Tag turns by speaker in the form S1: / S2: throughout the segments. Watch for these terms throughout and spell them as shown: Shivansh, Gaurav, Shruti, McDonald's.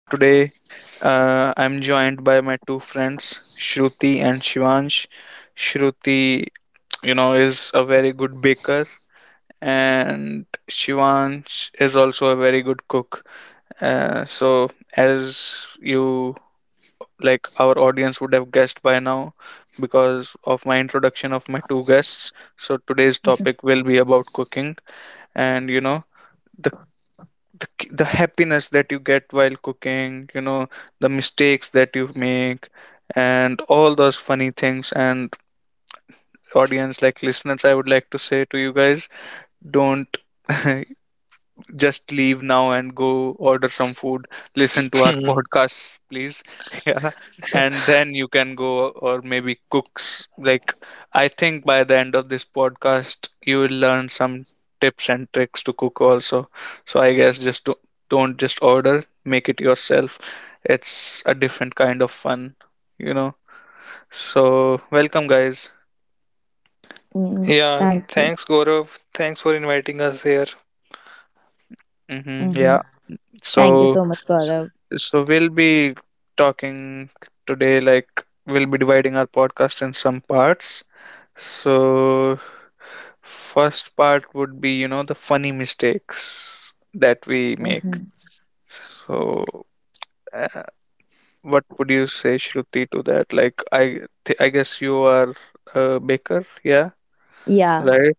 S1: today I'm joined by my two friends, Shruti and Shivansh. Shruti, you know, is a very good baker, and Shivansh is also a very good cook. Uh, so, as you like, our audience would have guessed by now because of my introduction of my two guests. So, today's topic will be about cooking, and you know, the happiness that you get while cooking, you know, the mistakes that you make, and all those funny things. And audience, like listeners, I would like to say to you guys, don't just leave now and go order some food. Listen to our
S2: Hmm.
S1: podcasts, please. Yeah. And then you can go or maybe cooks. Like, I think by the end of this podcast, you will learn some tips and tricks to cook also. So I guess don't just order, make it yourself. It's a different kind of fun, you know. So welcome, guys.
S3: Mm,
S2: Yeah,
S3: thank you.
S2: thanks Gaurav. Thanks for inviting us here.
S1: Mm-hmm.
S3: Hmm.
S1: Yeah.
S3: Thank you
S1: So,
S3: so much, Gaurav.
S1: so we'll be talking today, like we'll be dividing our podcast in some parts. So, first part would be, you know, the funny mistakes that we make.
S3: Hmm.
S1: So, uh, what would you say, Shruti, to that? Like, I guess you are a baker, yeah,
S3: Yeah.
S1: right?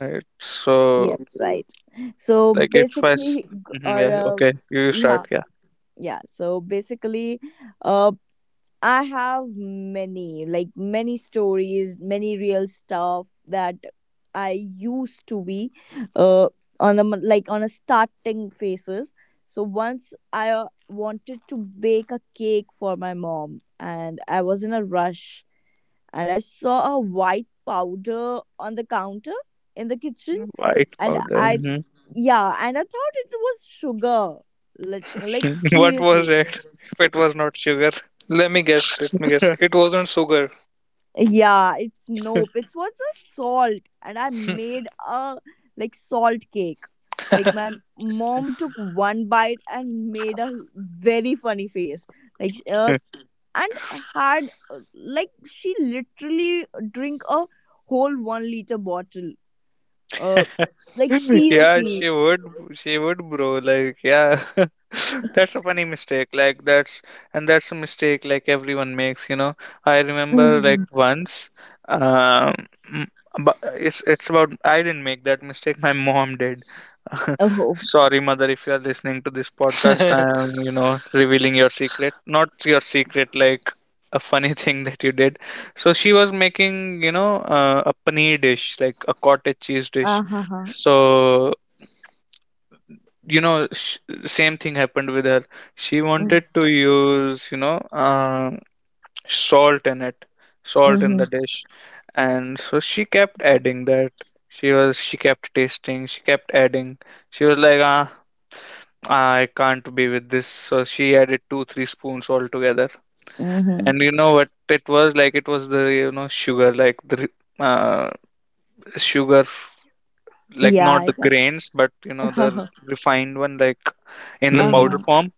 S1: Right. So,
S3: Yes. Right. So
S1: like, if I, s-
S3: basically,
S1: Mhm, yeah,
S3: Gaurav.
S1: okay, you
S3: Yeah.
S1: start, yeah.
S3: Yeah. So basically, uh, I have many, like many stories, many real stuff that I used to be, uh, on a like on a starting phases. So once I wanted to bake a cake for my mom, and I was in a rush and I saw a white powder on the counter in the kitchen.
S1: White
S3: And
S1: powder.
S3: I,
S1: Mm-hmm.
S3: yeah, and I thought it was sugar. Like,
S1: What
S3: seriously.
S1: was it if it was not sugar?
S2: Let me guess, let me guess. It wasn't sugar.
S3: Yeah, it's nope. It was a salt, and I made a, like, salt cake. Like my mom took one bite and made a very funny face. Like and had like she literally drink a whole 1 liter bottle. Uh, like
S1: Yeah, she
S3: seriously.
S1: would, she would, bro. Like, yeah, that's a funny mistake. Like, that's a mistake like everyone makes, you know. I remember like once, um, but it's about I didn't make that mistake. My mom did.
S3: Oh,
S1: Sorry, mother, if you are listening to this podcast, I am, you know, revealing your secret. Not your secret, like a funny thing that you did. So she was making, you know, a paneer dish, like a cottage cheese dish.
S3: uh huh.
S1: So, you know, sh same thing happened with her. She wanted to use, you know, salt in it, salt in
S3: Mm-hmm.
S1: the dish. And so she kept adding that. She kept tasting, she kept adding. She was like, ah, I can't be with this. So she added two, three spoons altogether.
S3: Mm-hmm.
S1: And you know what it was like? It was the, you know, sugar, like the uh, sugar, like
S3: Yeah,
S1: not the
S3: I
S1: grains but, you know, the
S3: can.
S1: refined one, like in the powder
S2: Mhm.
S3: Uh-huh.
S1: form.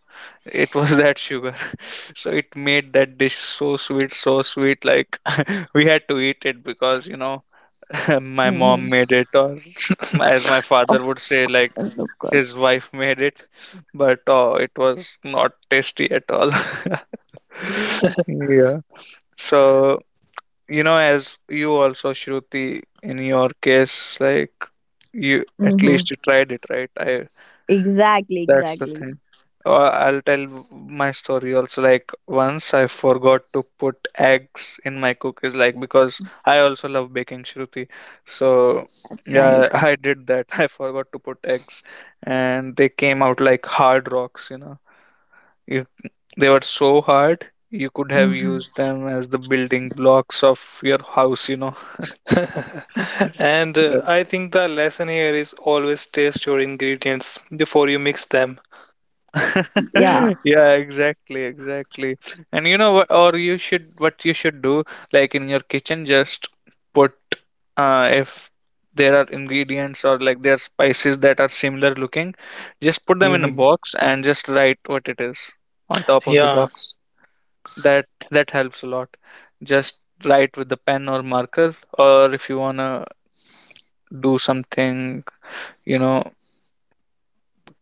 S1: It was that sugar. So it made that dish so sweet, so sweet. Like, we had to eat it because, you know, my
S3: Mm-hmm.
S1: mom made it, or as my
S3: Of
S1: father would say, like,
S3: course, of course.
S1: his wife made it, but oh, it was not tasty at all. Yeah. So, you know, as you also, Shruti, in your case, like, you at
S3: Mm-hmm.
S1: least you tried it, right? I
S3: Exactly,
S1: That's the
S3: exactly.
S1: thing. Or I'll tell my story also. Like, once I forgot to put eggs in my cookies, like, because I also love baking, Shruti. So
S3: That's nice.
S1: yeah, I did that. I forgot to put eggs, and they came out like hard rocks, you know. you, they were so hard you could have used
S3: Mm-hmm.
S1: them as the building blocks of your house, you know.
S2: And I think the lesson here is always taste your ingredients before you mix them.
S3: Yeah,
S1: Yeah, exactly, exactly. And you know what, or you should, what you should do, like in your kitchen, just put, if there are ingredients or like there are spices that are similar looking, just put them in a
S2: Mhm.
S1: box and just write what it is on top of the
S2: Yeah,
S1: box. That, that helps a lot. Just write with the pen or marker, or if you wanna do something, you know,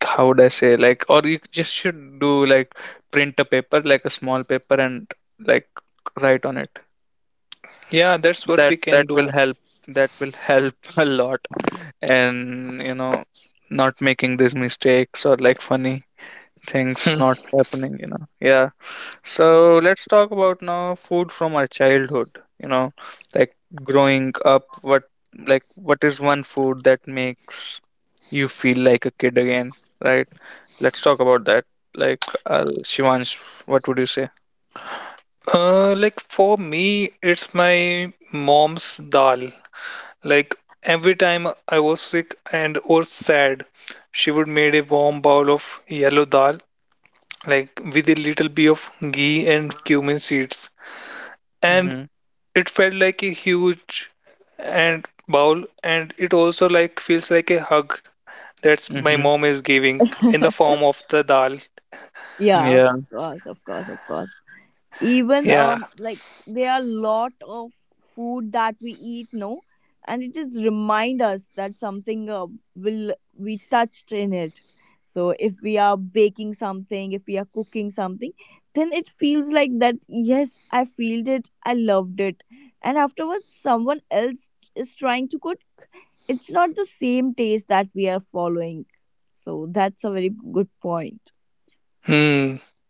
S1: how would I say, like, or you just should do like, print a paper, like a small paper, and like write on it.
S2: yeah, that's what we can
S1: That will
S2: do.
S1: help, that will help, a lot. And you know, not making these mistakes, or like funny things
S2: Hmm.
S1: not happening, you know. Yeah. So let's talk about now food from our childhood. You know, like growing up, what is one food that makes you feel like a kid again, right? Let's talk about that. Like, Shivansh, what would you say?
S2: Like for me, it's my mom's dal. Like every time I was sick and or sad, she would made a warm bowl of yellow dal like with a little bit of ghee and cumin seeds. And
S1: Mm-hmm.
S2: it felt like a huge and bowl, and it also like feels like a hug that's my
S1: Mm-hmm.
S2: mom is giving in the form of the dal.
S3: yeah, of
S1: Yeah.
S3: course, of course, of course. Even
S2: Yeah.
S3: like, there are a lot of food that we eat, no, and it just remind us that something will we touched in it. So if we are baking something, if we are cooking something, then it feels like that, yes, I feel it, I loved it. And afterwards, someone else is trying to cook, it's not the same taste that we are following. So that's a very good point.
S2: Hmm.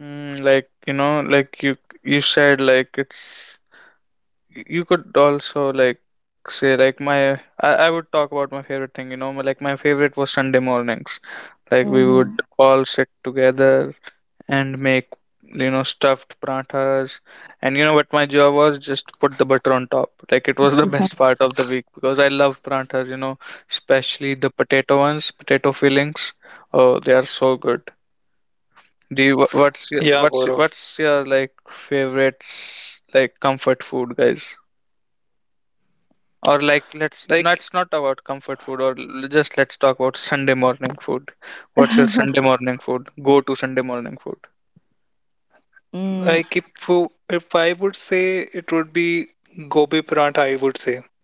S1: Mm, like you know, like you said, like, it's, you could also like say like my, I would talk about my favorite thing. You know, my favorite was Sunday mornings. Like, we would
S3: Mm-hmm.
S1: all sit together and make, you know, stuffed parathas, and you know what my job was? Just put the butter on top. Like, it was the best part of the week because I love parathas, you know, especially the potato ones, potato fillings. Oh, they are so good. Do you wha-
S2: Yeah, Gaurav.
S1: what's your like favorite like comfort food, guys? Or like, let's
S2: Like,
S1: let's not about comfort food, or just let's talk about Sunday morning food. What's your Sunday morning food, go to sunday morning food?
S2: like, if if I would say it would be gobi paratha, I would say.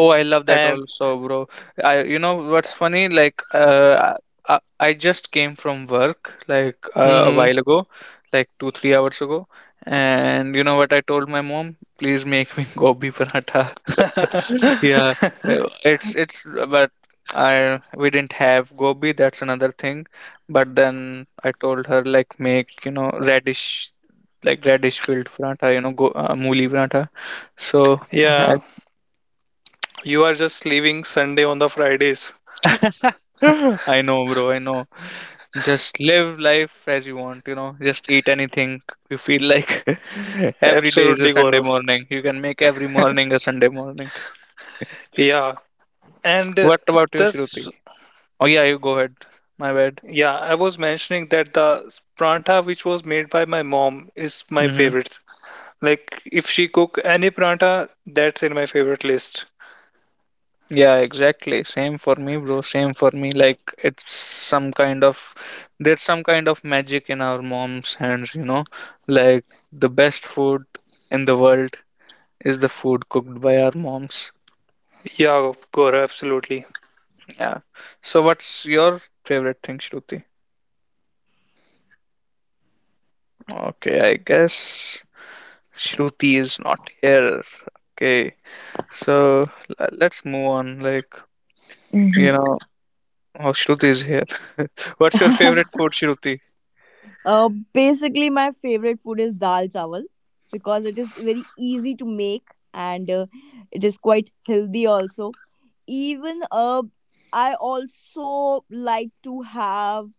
S1: Oh, I love that
S2: And
S1: also, bro. I You know what's funny, like I just came from work like a while
S2: hmm
S1: ago, like 2 3 hours ago. And you know what, I told my mom, please make me gobi paratha. Yeah, it's, but I, we didn't have gobi, that's another thing. But then I told her like, make, you know, radish, like radish filled paratha, you know, go mooli paratha. So I,
S2: yeah, you are just leaving Sunday on the Fridays.
S1: I know, bro, I know. Just live life as you want, you know, just eat anything you feel like. Every day is a
S2: Absolutely,
S1: Sunday
S2: Gaurav.
S1: morning. You can make every morning a Sunday morning.
S2: Yeah, And uh,
S1: What about you, Shruti?
S2: this,
S1: Oh yeah, you go ahead. My bad.
S2: yeah, I was mentioning that the pranta which was made by my mom is my
S1: Mm-hmm.
S2: favorite. Like if she cook any pranta, that's in my favorite list.
S1: Yeah, exactly. Same for me, bro. Same for me. Like it's some kind of, there's some kind of magic in our mom's hands, you know. Like the best food in the world is the food cooked by our moms.
S2: Yeah, Gaurav, absolutely.
S1: Yeah. So what's your favorite thing, Shruti? Okay, I guess Shruti is not here. Okay. So let's move on. Like, you
S3: Mm-hmm.
S1: know, oh, Shruti is here. What's your favorite food, Shruti?
S3: Basically, my favorite food is dal chawal because it is very easy to make, and it is quite healthy also. Even I also like to have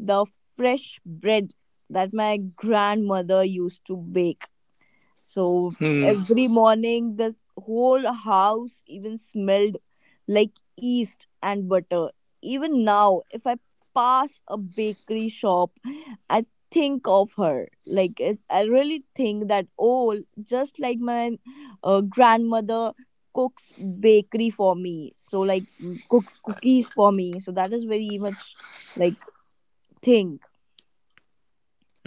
S3: the fresh bread that my grandmother used to bake. So
S2: Hmm.
S3: every morning, the whole house even smelled like yeast and butter. Even now, if I pass a bakery shop, I think of her. Like, it, I really think that, oh, just like my grandmother cooks bakery for me. So, like, cooks cookies for me. So, that is very much like thing.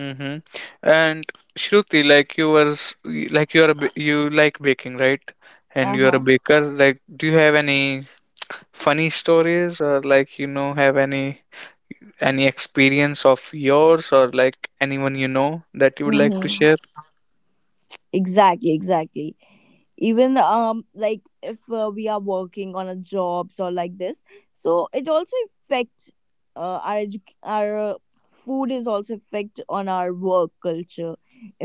S1: Mm-hmm. And Shruti, like, you were, s- y- like you are a you like baking, right? And
S3: Uh
S1: you are a
S3: huh.
S1: baker. Like, do you have any funny stories, or, like, you know, have any experience of yours, or like anyone you know, that you would like to
S3: Mm-hmm.
S1: share?
S3: Exactly, exactly. Even like, if we are working on a jobs or like this, so it also affect our our food is also affect on our work culture.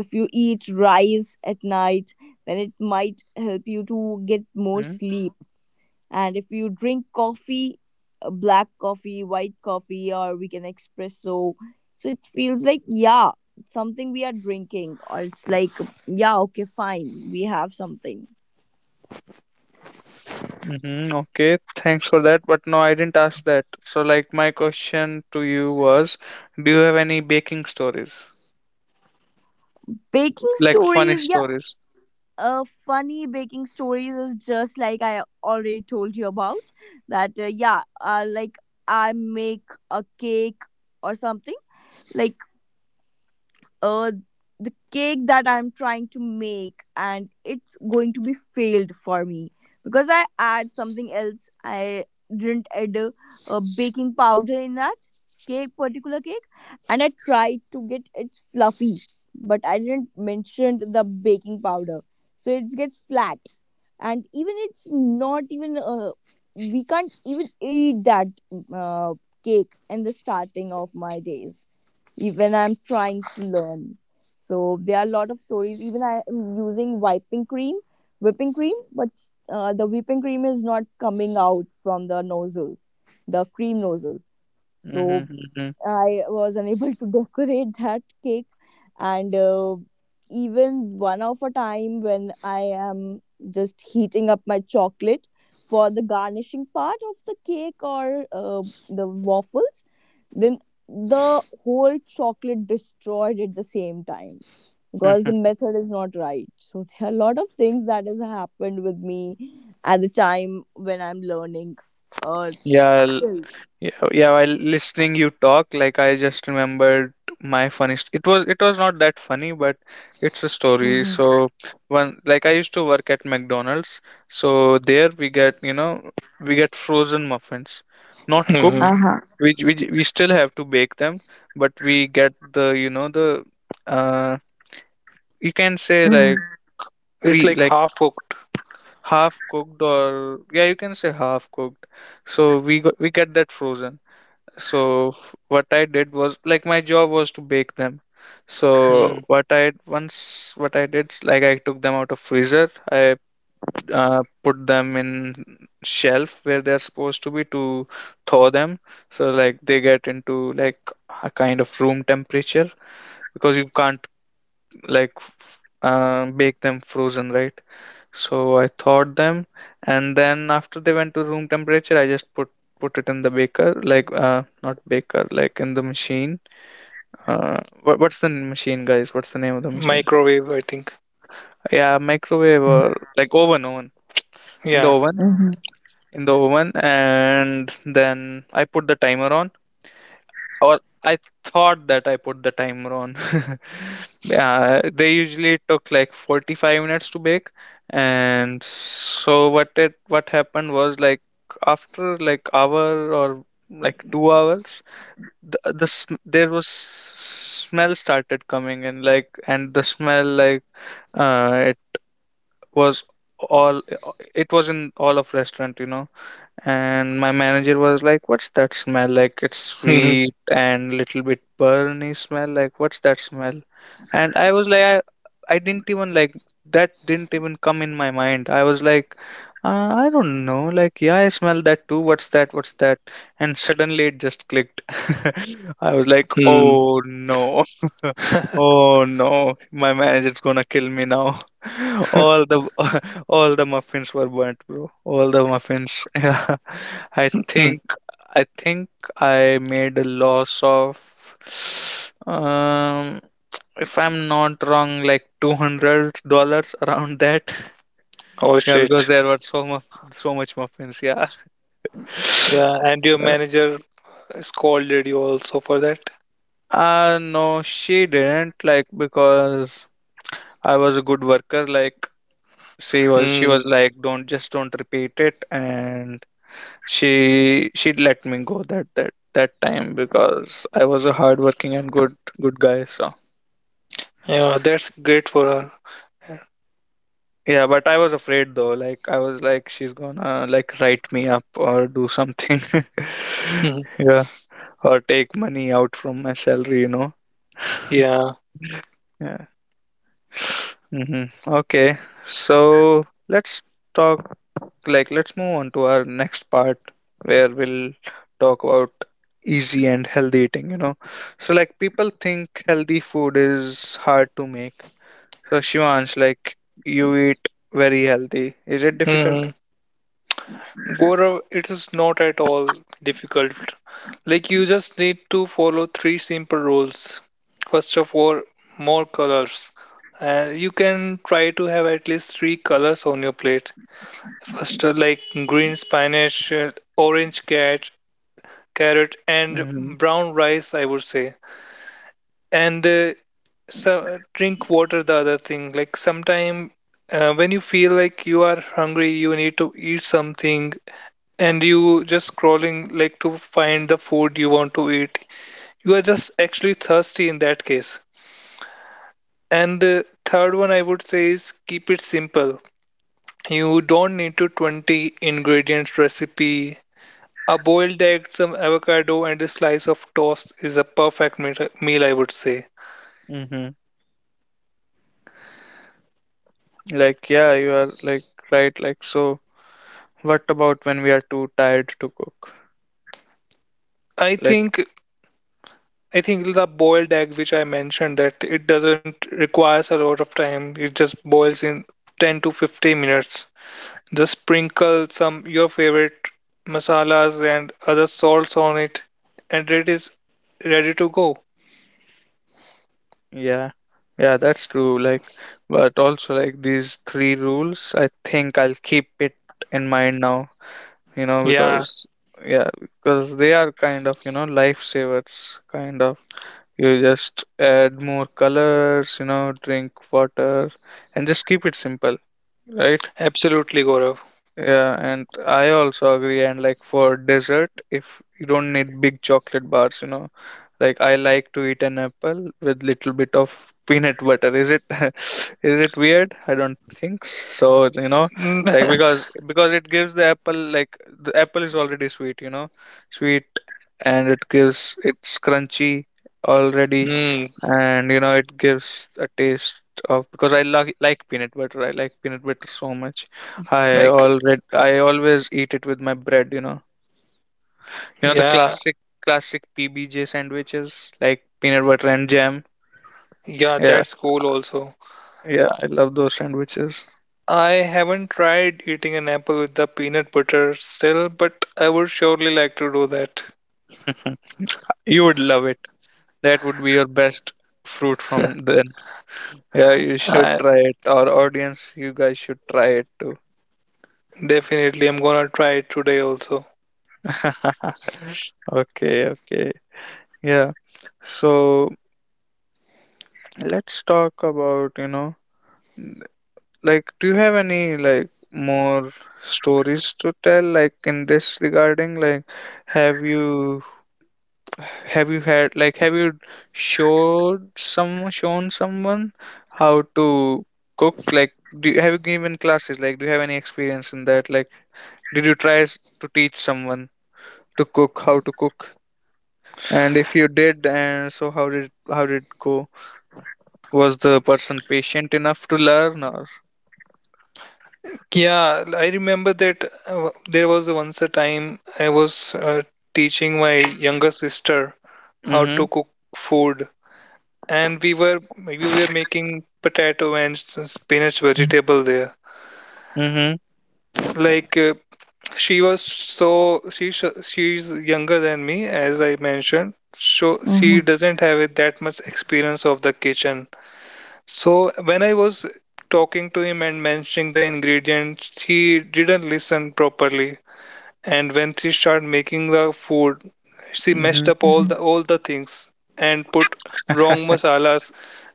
S3: If you eat rice at night, then it might help you to get more
S1: Hmm?
S3: sleep. And if you drink coffee, black coffee, white coffee, or we can espresso, so it feels like, yeah, something we are drinking, or it's like, yeah, okay, fine, we have something.
S1: Mm-hmm. Okay, thanks for that. But no, I didn't ask that. So, like, my question to you was, do you have any baking stories,
S3: Baking
S1: like funny
S3: stories, yeah.
S1: stories?
S3: Funny baking stories is just like I already told you about that. Yeah, like I make a cake or something. Like uh the cake that I'm trying to make, and it's going to be failed for me because I add something else. I didn't add a baking powder in that cake, particular cake, and I tried to get it fluffy, but I didn't mention the baking powder, so it gets flat. And even it's not even, we can't even eat that uh, cake in the starting of my days, even I'm trying to learn. So there are a lot of stories. Even I am using wiping cream, whipping cream, but the whipping cream is not coming out from the nozzle, the cream nozzle. So
S1: Mm-hmm. Mm-hmm.
S3: I was unable to decorate that cake, and even one of a time when I am just heating up my chocolate for the garnishing part of the cake, or the waffles, then the whole chocolate destroyed at the same time because the
S1: Mm-hmm.
S3: method is not right. So there are a lot of things that has happened with me at the time when I'm learning. Uh,
S1: Yeah.
S3: Skills.
S1: Yeah, yeah, while listening you talk, like I just remembered my funny it was not that funny, but it's a story.
S3: Mhm.
S1: So one, like, I used to work at McDonald's, so there we get, you know, we get frozen muffins, not
S2: hmm
S1: cooked.
S3: Uh-huh.
S1: We still have to bake them, but we get the, you know, the uh you can say like
S3: Mhm.
S2: It's
S1: pre
S2: like
S1: like
S2: half cooked.
S1: half cooked, or yeah, you can say half cooked. So we get that frozen. So what I did was, like, my job was to bake them.
S2: Hmm.
S1: So what I once what I did, like, I took them out of freezer. I put them in shelf where they're supposed to be, to thaw them. So like they get into like a kind of room temperature, because you can't like bake them frozen, right? So I thawed them, and then after they went to room temperature, I just put it in the baker, like not baker, like in the machine. What's the machine, guys? What's the name of the machine?
S2: Microwave, I think.
S1: Yeah, microwave or like oven, oven. In the
S2: Yeah.
S1: oven,
S3: Mhm.
S1: in the oven, and then I put the timer on, or I thought that I put the timer on. They usually took like 45 minutes to bake, and so what happened was like after like hour or like 2 hours, the sm- there was s- smell started coming in, like, and the smell, like, it was all, it was in all of restaurant, you know. And my manager was like, "What's that smell? Like, it's
S2: Hmm.
S1: sweet and little bit burny smell. Like, what's that smell?" And I was like, I didn't even like that, didn't even come in my mind. I was like, I don't know. Like, yeah, I smell that too. What's that? What's that? And suddenly it just clicked. I was like,
S2: Hmm.
S1: "Oh no." Oh no. My manager's gonna kill me now. All the all the muffins were burnt, bro. All the muffins. Yeah. I
S2: Hmm.
S1: think I think I made a loss of um if I'm not wrong, like $200 around that.
S2: Oh
S1: Yeah, because
S2: shit.
S1: there were so much muffins, yeah.
S2: Yeah, and your manager scolded you also for that.
S1: No, she didn't, like, because I was a good worker, like, she was
S2: Hmm.
S1: like, don't, just don't repeat it. And she let me go that time because I was a hardworking and good guy. So
S2: Yeah, that's great for her.
S1: yeah, but I was afraid though. Like, I was like, she's gonna like write me up or do something.
S2: Hmm.
S1: Yeah, or take money out from my salary.
S2: Yeah.
S1: Yeah. Okay, so let's talk, like, let's move on to our next part where we'll talk about easy and healthy eating. So, like, people think healthy food is hard to make. So, Shivansh, like, you eat very healthy. Is it difficult?
S2: Hmm. Gaurav, it is not at all difficult. Like you just need to follow three simple rules. First of all, more colors. You can try to have at least three colors on your plate. First, green spinach, orange carrot, and
S1: Mm-hmm.
S2: brown rice, I would say. And so drink water, the other thing. Like sometime when you feel like you are hungry, you need to eat something, and you just scrolling like to find the food you want to eat, you are just actually thirsty in that case. And uh, third one I would say is keep it simple. You don't need to 20 ingredients recipe. A boiled egg, some avocado, and a slice of toast is a perfect meal, I would say.
S1: Mm-hmm. Like, yeah, you are, like, right, like, so what about when we are too tired to cook?
S2: i
S1: Like,
S2: think i think the boiled egg which I mentioned that it doesn't requires a lot of time, it just boils in 10 to 15 minutes. Just sprinkle some your favorite masalas and other salts on it, and it is ready to go.
S1: yeah, yeah, that's true. Like, but also like these three rules, I think I'll keep it in mind now,
S2: Yeah,
S1: because yeah, because they are kind of, lifesavers, kind of. You just add more colors, drink water and just keep it simple, right?
S2: absolutely, Gaurav.
S1: Yeah, and I also agree. And like for dessert, if you don't need big chocolate bars, like I like to eat an apple with little bit of peanut butter. Is it is it weird? I don't think so, like because it gives the apple, like, the apple is already sweet, you know, sweet, and it gives it's crunchy already,
S2: Hmm,
S1: and you know it gives a taste of, because I like peanut butter. I like peanut butter so much.
S2: like,
S1: I always eat it with my bread. You know the
S2: yeah,
S1: classic classic PBJ sandwiches, like peanut butter and jam.
S2: yeah,
S1: Yeah,
S2: that's cool also.
S1: yeah, I love those sandwiches.
S2: I haven't tried eating an apple with the peanut butter still, but I would surely like to do that.
S1: You would love it. That would be your best fruit from then. Yeah, you should
S2: I
S1: try it. Our audience, you guys should try it too.
S2: definitely am gonna try it today also.
S1: Okay, okay. Yeah. So let's talk about, you know, like, do you have any, like, more stories to tell, like, in this regarding? Like, have you, have you had, like, have you showed some, shown someone how to cook? Like, do you, have you given classes? Like, do you have any experience in that? Like, did you try to teach someone to cook, how to cook? And if you did, and so how did it go? Was the person patient enough to learn, or
S2: Yeah, I remember that there was once a time I was teaching my younger sister how to
S1: mhm.
S2: cook food, and we were making potato and spinach vegetable there.
S1: Mhm.
S2: Like uh, she was so she's younger than me, as I mentioned, so she
S3: Hmm.
S2: doesn't have it that much experience of the kitchen. So when I was talking to him and mentioning the ingredients, he didn't listen properly. And when she started making the food, she messed
S1: Mhm.
S2: up all the things and put wrong masalas.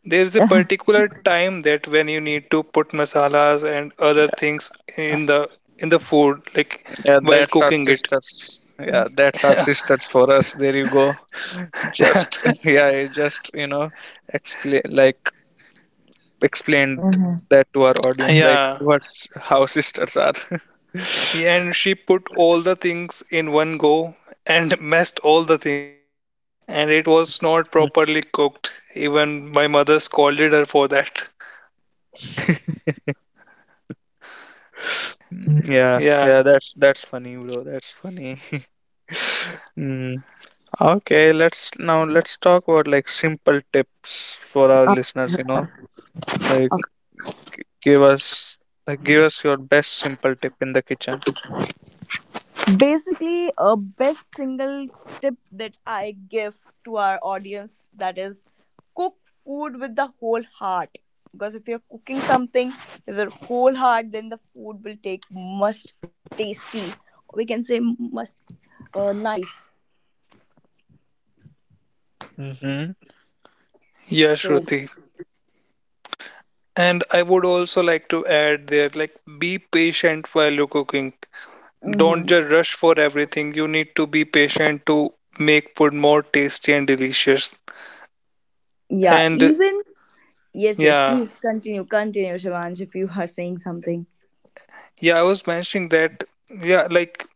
S2: There is a particular time that when you need to put masalas and other things in the food like
S1: Yeah,
S2: while
S1: that's our
S2: cooking it.
S1: sisters. Yeah, that's our sisters for us. There you go. Just yeah, I just, you know, explain like explained
S3: Hmm.
S1: that to our audience, like
S2: Yeah,
S1: what's how sisters are.
S2: and she put all the things in one go and messed all the things, and it was not properly cooked. Even my mother scolded her for that.
S1: Yeah,
S2: Yeah.
S1: yeah, that's funny, bro. That's funny. Mm. Okay, let's now let's talk about like simple tips for our
S3: Uh,
S1: listeners, you know, like. Give us, like, give us your best simple tip in the kitchen.
S3: Basically, a best single tip that I give to our audience, that is, cook food with the whole heart. Because if you're cooking something with your whole heart, then the food will take must tasty. We can say must nice.
S1: Mm-hmm. Hmm.
S2: Yeah,
S3: So,
S2: Shruti. And I would also like to add there, like, be patient while you're cooking.
S3: hmm
S2: Don't just rush for everything. You need to be patient to make food more tasty and delicious.
S3: yeah,
S2: And
S3: even yes, yes.
S2: yeah,
S3: Please continue, continue, Shivansh, if you are saying something.
S2: yeah, I was mentioning that, yeah, like,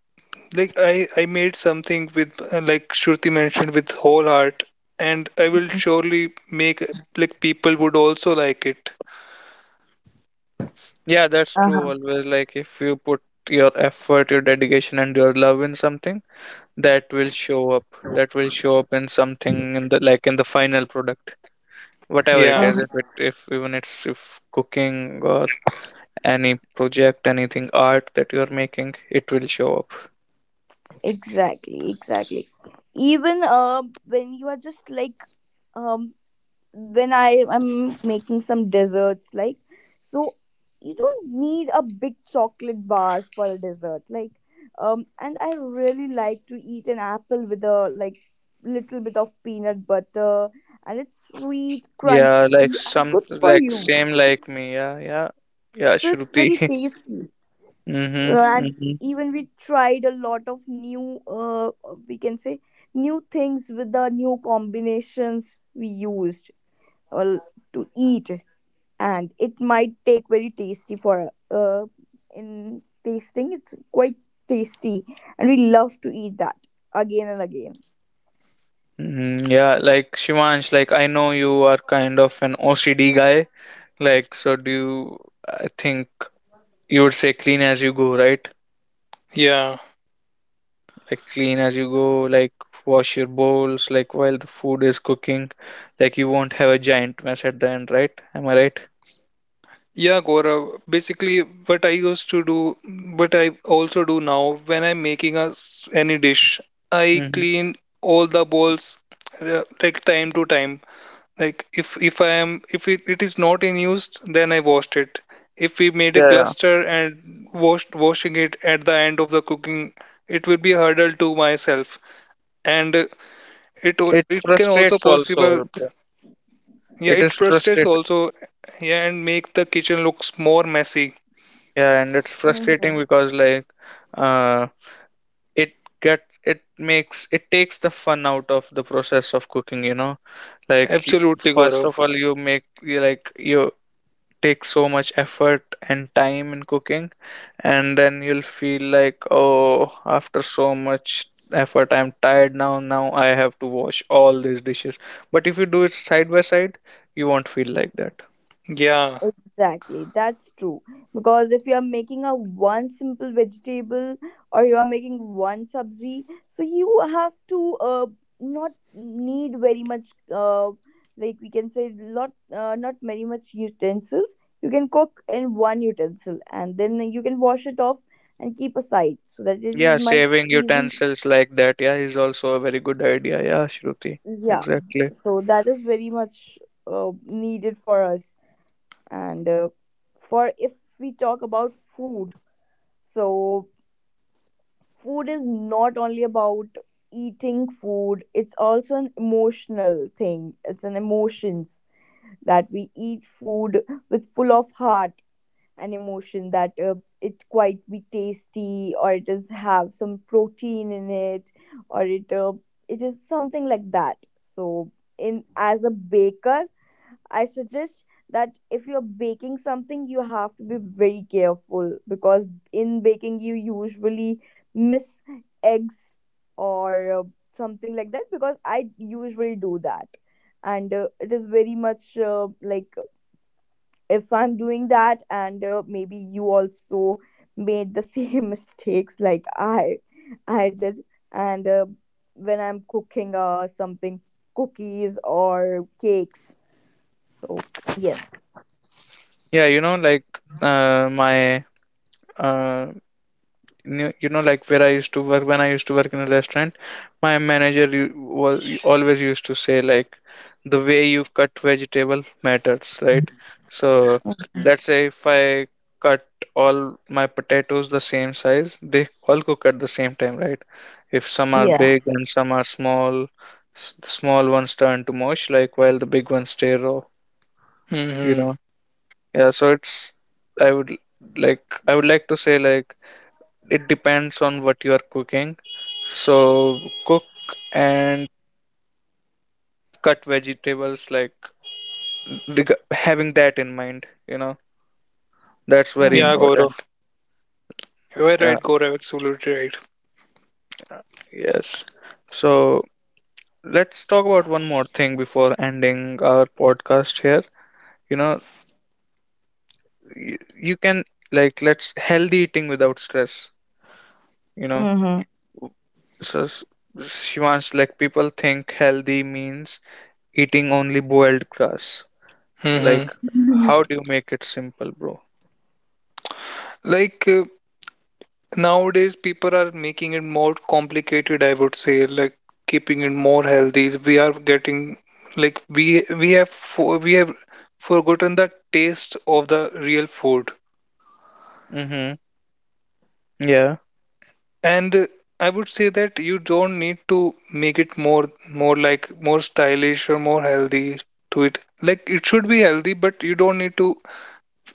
S2: like, I made something with like Shruti mentioned with whole heart, and I will surely make like people would also like it.
S1: Yeah, that's true,
S3: Uh
S1: always, like, if you put your effort, your dedication and your love in something, that will show up, that will show up in something, in the, like, in the final product, whatever it
S2: Yeah,
S1: is, if
S3: huh.
S1: it, if even it's if cooking or any project, anything, art that you're making, it will show up.
S3: Exactly, exactly. Even when you are just like, um, when I am making some desserts, like, so you don't need a big chocolate bars for a dessert, like, and I really like to eat an apple with a, like, little bit of peanut butter, and it's sweet,
S1: Yeah,
S3: crunchy,
S1: like
S3: and
S1: some,
S3: good for
S1: like
S3: you.
S1: same like me, yeah, yeah, yeah,
S3: So it's
S1: Shruti.
S3: very tasty.
S1: Mm-hmm.
S3: And even we tried a lot of new, we can say, new things with the new combinations we used, well, to eat, and it might take very tasty for, in tasting it's quite tasty, and we love to eat that again and again.
S1: Mhm. Yeah, like Shivansh, like I know you are kind of an OCD guy. Like, so do you, I think you would say clean as you go, right?
S2: yeah.
S1: Like, clean as you go, like wash your bowls, like while the food is cooking. Like, you won't have a giant mess at the end, right? Am I right?
S2: Yeah, Gaurav. Basically, what I used to do, but I also do now when I'm making any dish, I
S1: Hmm.
S2: clean all the bowls like time to time. Like if I am, if it is not in use, then I washed it. If we made a
S1: Yeah, yeah.
S2: cluster and washed washing it at the end of the cooking, it will be a hurdle to myself, and it
S1: It
S2: it can also
S1: frustrates
S2: possible.
S1: also, bro.
S2: Yeah, it
S1: It is
S2: frustrates
S1: frustrate.
S2: also. Yeah, and make the kitchen looks more messy.
S1: Yeah, and it's frustrating
S3: Mhm.
S1: because, like, uh, it get it makes, it takes the fun out of the process of cooking, you know? Like,
S2: Absolutely,
S1: first of
S2: Gaurav.
S1: all, you make you like you take so much effort and time in cooking, and then you'll feel like, oh, after so much effort, I'm tired now. Now I have to wash all these dishes. But if you do it side by side, you won't feel like that.
S2: Yeah.
S3: Exactly, that's true. Because if you are making a one simple vegetable, or you are making one sabzi, so you have to not need very much, like we can say lot, not very much utensils. You can cook in one utensil and then you can wash it off and keep aside so that it
S1: Yeah,
S3: is might
S1: saving
S3: easy.
S1: utensils like that, yeah, is also a very good idea. Yeah, Shruti,
S3: Yeah,
S1: exactly.
S3: so that is very much needed for us, and for if we talk about food. So, food is not only about eating food, it's also an emotional thing. It's an emotions that we eat food with full of heart and emotion, that it quite be tasty, or it does have some protein in it, or it, it is something like that. So, in as a baker, I suggest that if you're baking something, you have to be very careful because in baking, you usually miss eggs, or something like that, because I usually do that. And it is very much like, if I'm doing that, and maybe you also made the same mistakes like I did. And when I'm cooking something, cookies or cakes. So, yes.
S1: Yeah, you know, like my uh, you know, like where I used to work, when I used to work in a restaurant, my manager was always used to say, like, the way you cut vegetable matters, right? So let's say if I cut all my potatoes the same size, they all cook at the same time, right? If some are
S3: Yeah.
S1: big and some are small, the small ones turn to mush, like, while the big ones stay raw, you
S2: Hmm.
S1: know. Yeah, so it's, I would, like, I would like to say, like, it depends on what you are cooking. So cook and cut vegetables like having that in mind, you know, that's very
S2: Yeah,
S3: Mm-hmm.
S1: important.
S2: Gaurav. You are
S1: Yeah,
S2: right, Gaurav. Absolutely right.
S1: yes. So let's talk about one more thing before ending our podcast here. You know, you, you can, like, let's healthy eating without stress, you know.
S3: Mm-hmm.
S1: So she wants, like, people think healthy means eating only boiled grass.
S2: Hmm.
S1: Like, how do you make it simple, bro?
S2: Like uh, Nowadays, people are making it more complicated, I would say, like keeping it more healthy. We are getting like we have we have forgotten the taste of the real food.
S1: Mm-hmm. Yeah,
S2: And I would say that you don't need to make it more like more stylish or more healthy to it. Like it should be healthy, but you don't need to,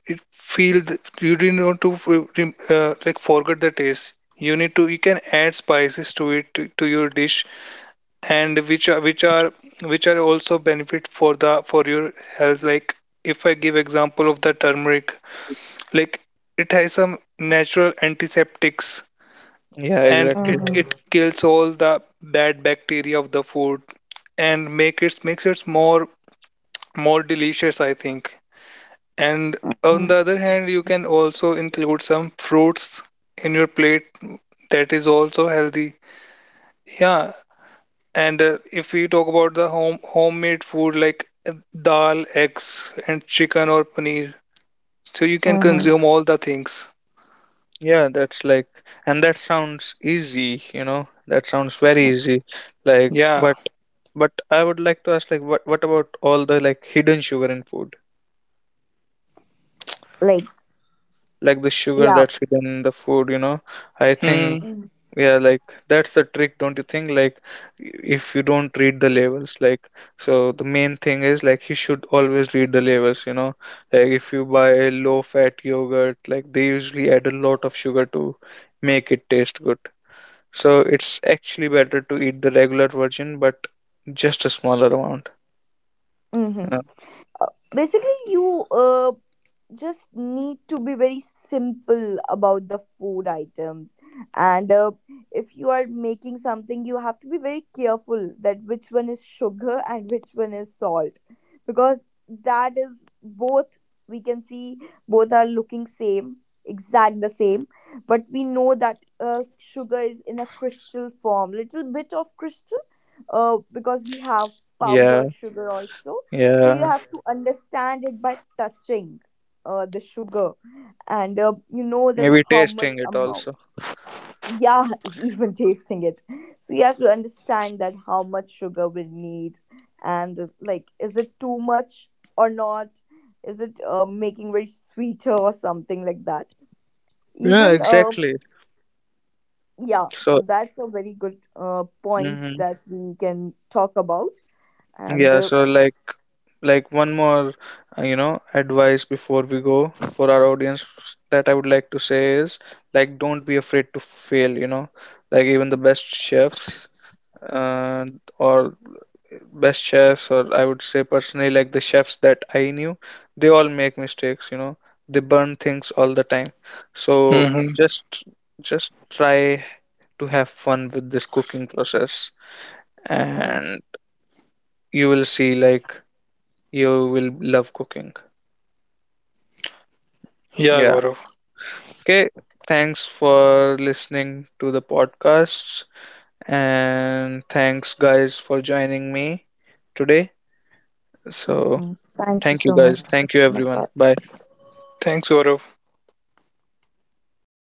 S2: it feel you did not want to like forget the taste. You need to, you can add spices to it to your dish, and which are which are also benefit for the for your health. Like if I give example of the turmeric, like it has some natural antiseptics,
S1: yeah,
S2: and it
S1: exactly.
S2: it kills all the bad bacteria of the food and makes it more more delicious, I think. And on
S3: Mm-hmm.
S2: the other hand, you can also include some fruits in your plate that is also healthy. Yeah, and if we talk about the home homemade food like dal, eggs, and chicken or paneer, so you can
S3: Mm-hmm.
S2: consume all the things.
S1: Yeah, that's like, and that sounds easy, you know, that sounds very easy. Like,
S2: Yeah.
S1: but I would like to ask, like, what about all the like hidden sugar in food?
S3: Like,
S1: Like the sugar
S3: yeah.
S1: that's hidden in the food, you know? I think
S2: Hmm.
S1: yeah, like that's the trick, don't you think? Like, if you don't read the labels, like, so the main thing is like you should always read the labels, you know. Like, if you buy a low-fat yogurt, like they usually add a lot of sugar to make it taste good. So it's actually better to eat the regular version, but just a smaller amount.
S3: Mm-hmm.
S1: Uh,
S3: Basically, you just need to be very simple about the food items, and if you are making something, you have to be very careful that which one is sugar and which one is salt, because that is both, we can see, both are looking same, exact the same, but we know that sugar is in a crystal form, little bit of crystal, because we have
S1: Yeah,
S3: powdered sugar also. So you
S1: yeah.
S3: have to understand it by touching the sugar, and you know that
S1: Maybe
S3: how much
S1: tasting it
S3: amount.
S1: also.
S3: Yeah, even tasting it. So you have to understand that how much sugar we need, and like, is it too much or not? Is it making very sweeter or something like that?
S1: Yeah,
S3: Even
S1: exactly.
S3: yeah. So
S1: So,
S3: that's a very good point
S1: mhm.
S3: that we can talk about, and.
S1: Yeah, so like one more you know advice before we go for our audience that I would like to say is like don't be afraid to fail, you know. Like even the best chefs uh, or best chefs, or I would say personally like the chefs that I knew, they all make mistakes, you know. They burn things all the time. So
S2: Hmm.
S1: just just try to have fun with this cooking process and you will see like you will love cooking.
S2: Yeah,
S1: Yeah.
S2: Gaurav.
S1: Okay. Thanks for listening to the podcast. And thanks, guys, for joining me today.
S3: Hmm
S1: So,
S3: Thank you
S1: thank
S3: so
S1: you,
S3: much.
S1: guys.
S3: Thank you
S1: Thank you,
S3: so much for
S1: everyone. Bye.
S2: Thanks, Gaurav.